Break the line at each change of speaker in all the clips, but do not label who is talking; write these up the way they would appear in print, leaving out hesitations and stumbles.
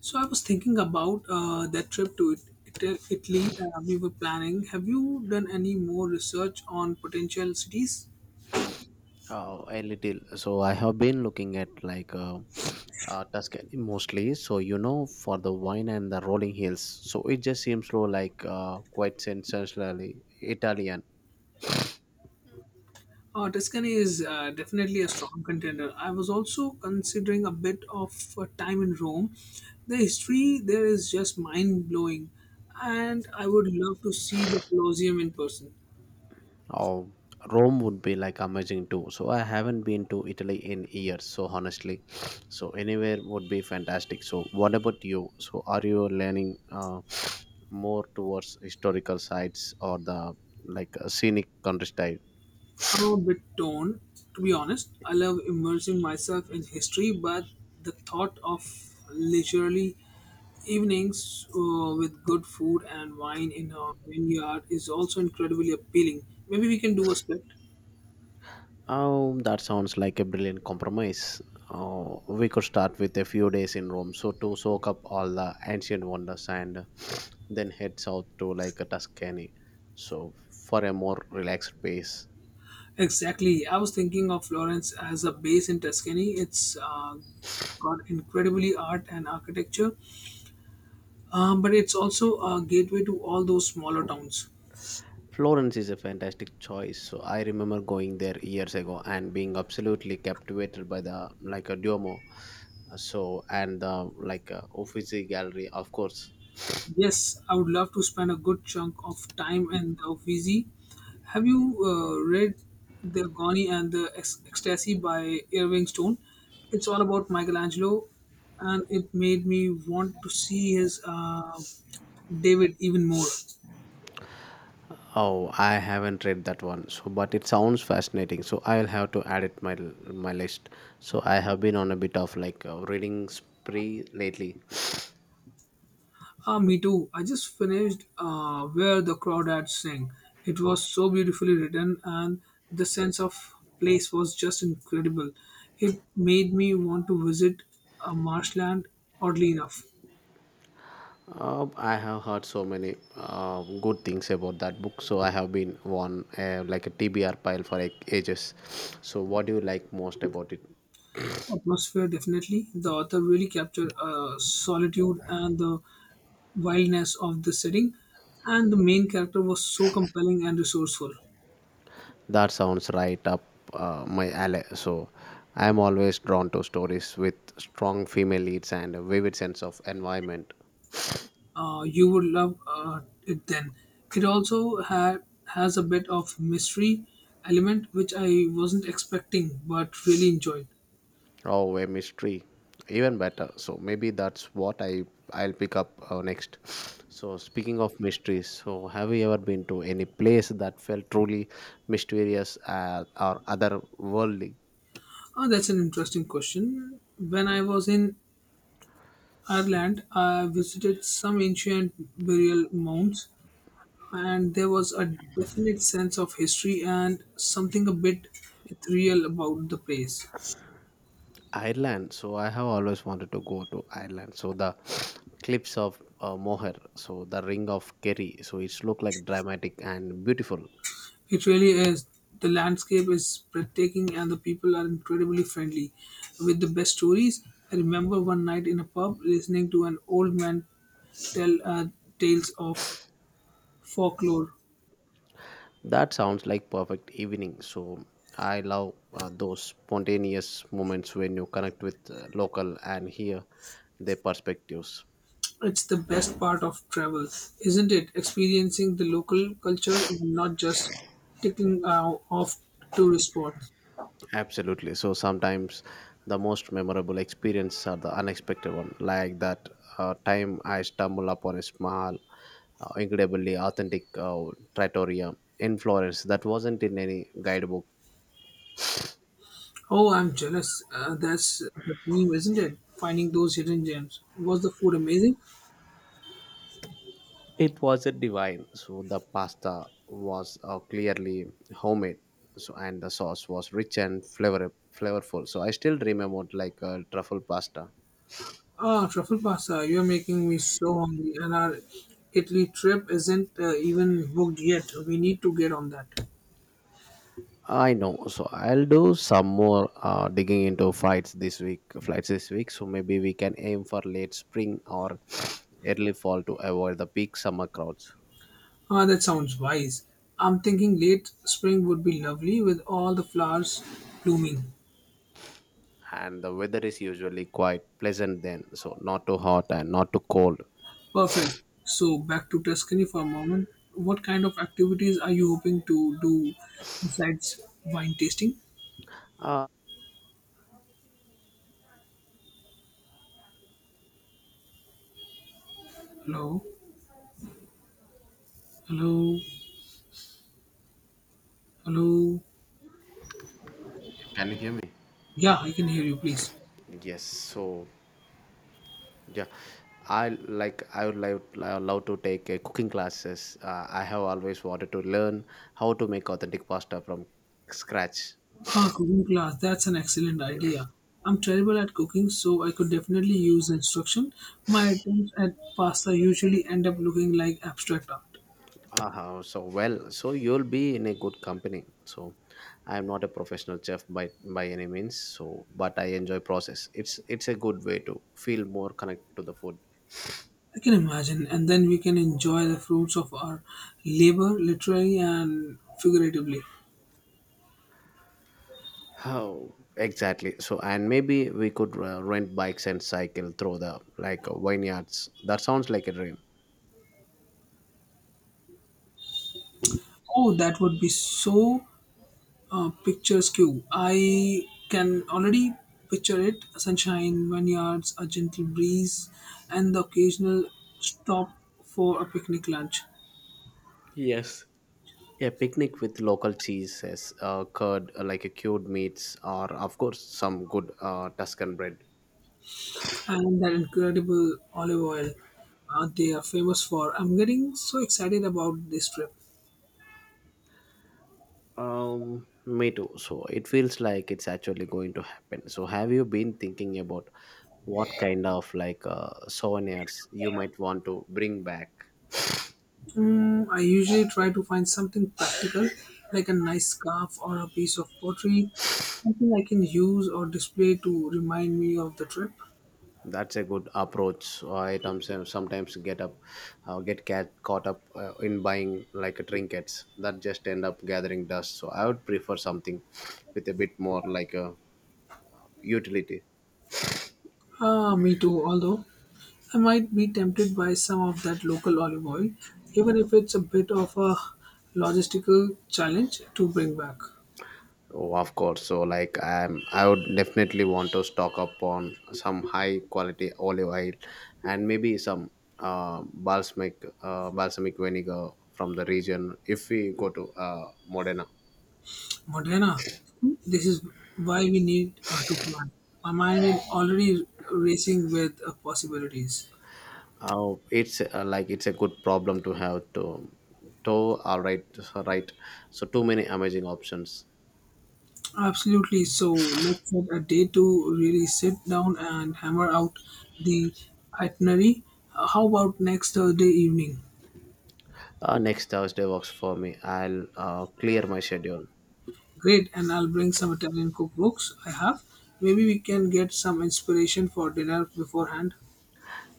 So I was thinking about that trip to Italy we were planning. Have you done any more research on potential cities?
Oh, a little. So I have been looking at Tuscany mostly. So you know, for the wine and the rolling hills. So it just seems so quite sensationally Italian.
Tuscany is definitely a strong contender. I was also considering a bit of time in Rome. The history there is just mind blowing, and I would love to see the Colosseum in person.
Oh, Rome would be like amazing too. So I haven't been to Italy in years. So honestly, so anywhere would be fantastic. So what about you? So are you learning more towards historical sites or the scenic countryside?
I'm a bit torn, to be honest. I love immersing myself in history, but the thought of leisurely evenings with good food and wine in a vineyard is also incredibly appealing. Maybe we can do a split.
That sounds like a brilliant compromise. We could start with a few days in Rome, so to soak up all the ancient wonders, and then head south to like a Tuscany, so for a more relaxed pace.
Exactly. I was thinking of Florence as a base in Tuscany. It's got incredibly art and architecture, but it's also a gateway to all those smaller towns.
Florence is a fantastic choice. So I remember going there years ago and being absolutely captivated by the like a Duomo, so and the like a Uffizi Gallery, of course.
Yes, I would love to spend a good chunk of time in the Uffizi. Have you read The Agony and the Ecstasy by Irving Stone? It's all about Michelangelo, and it made me want to see his David even more.
Oh, I haven't read that one. So, but it sounds fascinating. So, I'll have to add it my my list. So, I have been on a bit of like a reading spree lately.
Ah, me too. I just finished Where the Crawdads Sing. It was so beautifully written, and the sense of place was just incredible. It made me want to visit a marshland, oddly enough.
I have heard so many good things about that book. So, I have been on like a TBR pile for like, ages. So, what do you like most about it?
Atmosphere, definitely. The author really captured solitude and the wildness of the setting, and the main character was so compelling and resourceful.
That sounds right up my alley. So, I am always drawn to stories with strong female leads and a vivid sense of environment.
You would love it then. It also had has a bit of mystery element which I wasn't expecting but really enjoyed.
Oh, a mystery. Even better. So maybe that's what I'll pick up next. So speaking of mysteries, so have you ever been to any place that felt truly mysterious or otherworldly?
Oh, that's an interesting question. When I was in Ireland, I visited some ancient burial mounds, and there was a definite sense of history and something a bit ethereal about the place.
Ireland. So I have always wanted to go to Ireland. So the cliffs of Moher, so the Ring of Kerry. So it's look like dramatic and beautiful.
It really is. The landscape is breathtaking and the people are incredibly friendly. With the best stories, I remember one night in a pub listening to an old man tell tales of folklore.
That sounds like perfect evening. So I love those spontaneous moments when you connect with local and hear their perspectives.
It's the best part of travel, isn't it? Experiencing the local culture and not just ticking off tourist spots.
Absolutely. So sometimes the most memorable experiences are the unexpected one, like that time I stumbled upon a small, incredibly authentic trattoria in Florence that wasn't in any guidebook.
Oh, I'm jealous. That's the dream, isn't it? Finding those hidden gems. Was the food amazing?
It wasn't divine. So the pasta was clearly homemade. So and the sauce was rich and flavorful. So I still remember truffle pasta.
Ah, truffle pasta. You're making me so hungry, and our Italy trip isn't even booked yet. We need to get on that.
I know. So I'll do some more digging into flights this week. Flights this week. So maybe we can aim for late spring or early fall to avoid the peak summer crowds.
Ah, that sounds wise. I'm thinking late spring would be lovely with all the flowers blooming.
And the weather is usually quite pleasant then. So not too hot and not too cold.
Perfect. So, back to Tuscany for a moment. What kind of activities are you hoping to do besides wine tasting?
Uh,
Hello? Hello? Hello?
can you hear me?
Yeah, I can hear you, please.
Yes. So Yeah, I like I would love to take cooking classes. I have always wanted to learn how to make authentic pasta from scratch.
Ah, cooking class. That's an excellent idea. I'm terrible at cooking, so I could definitely use instruction. My attempts at pasta usually end up looking like abstract art.
So you'll be in a good company. So I am not a professional chef by any means. So but I enjoy process. It's a good way to feel more connected to the food.
I can imagine, and then we can enjoy the fruits of our labor, literally and figuratively.
Oh, exactly. So, and maybe we could rent bikes and cycle through the like vineyards. That sounds like a dream.
Oh, that would be so picturesque. I can already picture it: sunshine, vineyards, a gentle breeze, and the occasional stop for a picnic lunch.
Yes, Yeah, picnic with local cheeses, curd, like a cured meats, or of course some good Tuscan bread.
And that incredible olive oil they are famous for. I'm getting so excited about this trip.
Me too. So it feels like it's actually going to happen. So have you been thinking about what kind of souvenirs you might want to bring back?
Mm, I usually try to find something practical, like a nice scarf or a piece of pottery, something I can use or display to remind me of the trip.
That's a good approach. So I sometimes get up, get caught up in buying like trinkets that just end up gathering dust. So I would prefer something with a bit more like a utility.
Ah, me too, although I might be tempted by some of that local olive oil, even if it's a bit of a logistical challenge to bring back.
Of course. So, I would definitely want to stock up on some high quality olive oil and maybe some balsamic vinegar from the region if we go to Modena.
But Lena, this is why we need to plan. My mind is already racing with possibilities.
Oh, it's like it's a good problem to have to all right Right, so too many amazing options.
Absolutely. So let's set a day to really sit down and hammer out the itinerary. How about next Thursday evening?
Next Thursday works for me. I'll clear my schedule.
Great, and I'll bring some Italian cookbooks I have. Maybe we can get some inspiration for dinner beforehand.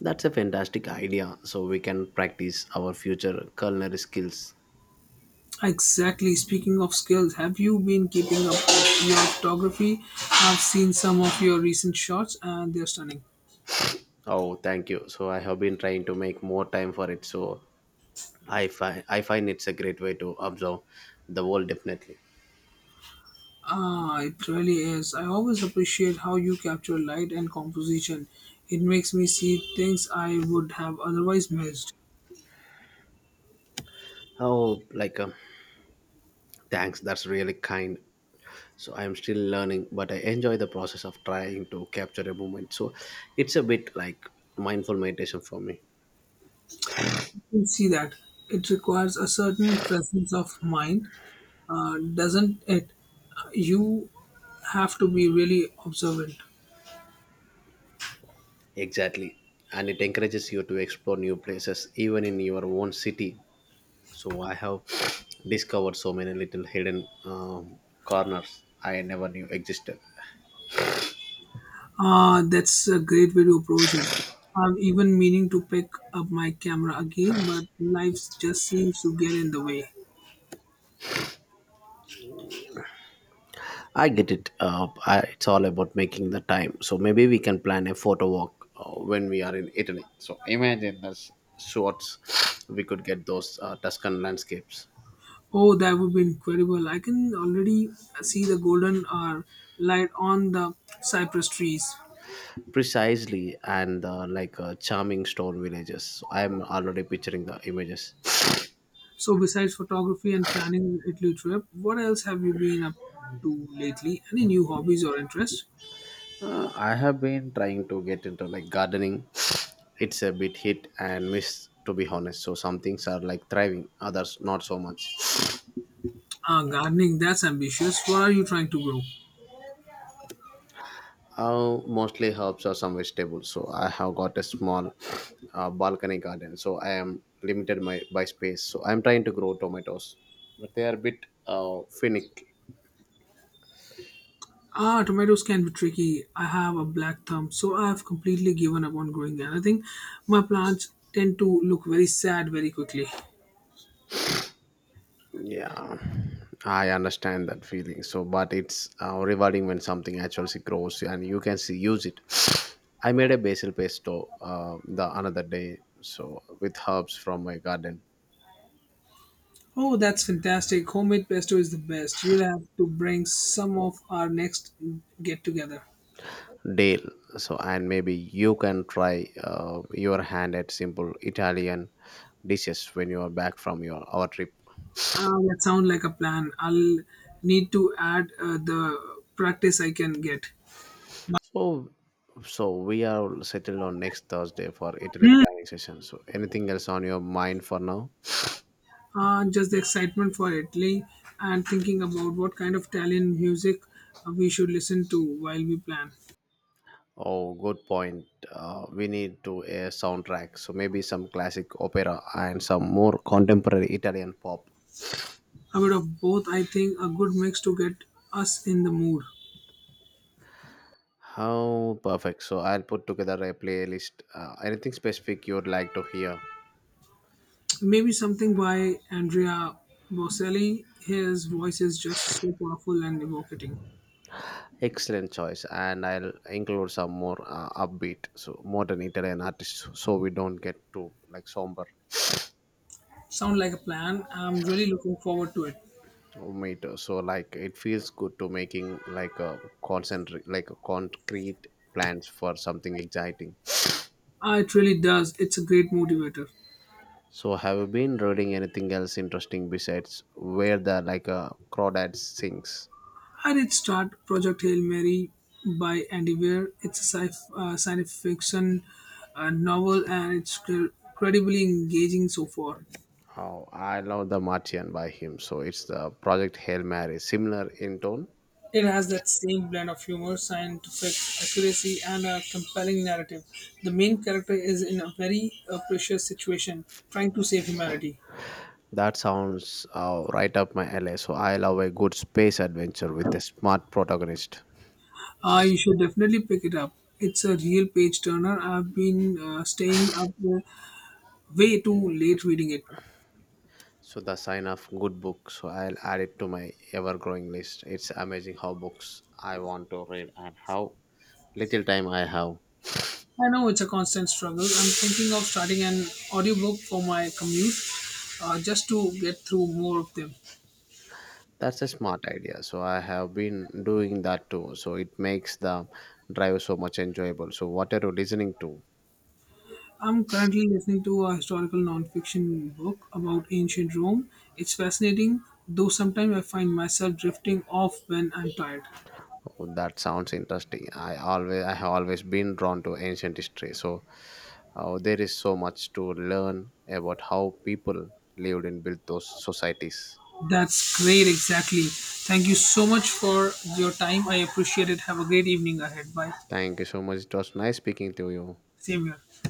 That's a fantastic idea. So we can practice our future culinary skills.
Exactly. Speaking of skills, have you been keeping up with your photography? I've seen some of your recent shots and they're stunning.
Oh, thank you. So I have been trying to make more time for it. So I find it's a great way to observe the world definitely.
Ah, it really is. I always appreciate how you capture light and composition. It makes me see things I would have otherwise missed.
Oh, thanks. That's really kind. So I'm still learning, but I enjoy the process of trying to capture a moment. So it's a bit like mindful meditation for me.
You can see that. It requires a certain presence of mind, doesn't it? You have to be really observant.
Exactly. And it encourages you to explore new places, even in your own city. So I have discovered so many little hidden corners I never knew existed.
That's a great way to approach it. I'm even meaning to pick up my camera again, but life just seems to get in the way.
I get it. It's all about making the time. So maybe we can plan a photo walk when we are in Italy. So imagine the shots we could get those Tuscan landscapes.
Oh, that would be incredible. I can already see the golden hour light on the cypress trees.
Precisely. And charming stone villages. So, I'm already picturing the images.
So, besides photography and planning an Italy trip, what else have you been up to lately? Any new hobbies or interests?
I have been trying to get into like gardening. It's a bit hit and miss to be honest. So some things are like thriving, others not so much.
Ah, gardening, that's ambitious. What are you trying to grow?
Mostly herbs or some vegetables. So I have got a small balcony garden. So I am limited my by space. So I'm trying to grow tomatoes, but they are a bit finicky.
Ah, tomatoes can be tricky. I have a black thumb, so I have completely given up on growing them. I think my plants tend to look very sad very quickly.
Yeah, I understand that feeling. So, but it's rewarding when something actually grows and you can see use it. I made a basil pesto the another day, so with herbs from my garden,
Oh, that's fantastic. Homemade pesto is the best. You'll have to bring some of our next get together.
Dale. So, and maybe you can try your hand at simple Italian dishes when you are back from your our trip.
Ah, that sounds like a plan. I'll need to add the practice I can get.
So, so, we are settled on next Thursday for Italy
Hmm.
planning session. So, anything else on your mind for now?
Just the excitement for Italy and thinking about what kind of Italian music we should listen to while we plan.
Oh, good point. We need to a soundtrack, so maybe some classic opera and some more contemporary Italian pop.
A bit of both, I think, a good mix to get us in the mood.
How perfect! So I'll put together a playlist. Anything specific you'd like to hear?
Maybe something by Andrea Bocelli. His voice is just so powerful and evocating.
Excellent choice, and I'll include some more upbeat, so modern Italian artists, so we don't get too like somber.
Sound like a plan. I'm really looking forward to it.
So like it feels good to making like a concrete plans for something exciting.
Ah, it really does. It's a great motivator.
So, have you been reading anything else interesting besides where the like a crawdad sings?
I did start Project Hail Mary by Andy Weir. It's a science fiction novel and it's incredibly engaging so far.
Oh, I love The Martian by him. So it's the Project Hail Mary, similar in tone.
It has that same blend of humor, scientific accuracy, and a compelling narrative. The main character is in a very precious situation, trying to save humanity.
That sounds right up my alley. So I love a good space adventure with a smart protagonist.
You should definitely pick it up. It's a real page turner. I've been staying up way too late reading it.
So the sign of good book. So I'll add it to my ever-growing list. It's amazing how books I want to read and how little time I have.
I know it's a constant struggle. I'm thinking of starting an audiobook for my commute just to get through more of them.
That's a smart idea. So I have been doing that too. So it makes the drive so much enjoyable. So what are you listening to?
I'm currently listening to a historical nonfiction book about ancient Rome. It's fascinating, though sometimes I find myself drifting off when I'm tired.
Oh, that sounds interesting. I have always been drawn to ancient history. So there is so much to learn about how people lived and built those societies.
That's great, exactly. Thank you so much for your time. I appreciate it. Have a great evening ahead. Bye.
Thank you so much. It was nice speaking to you.
Same here.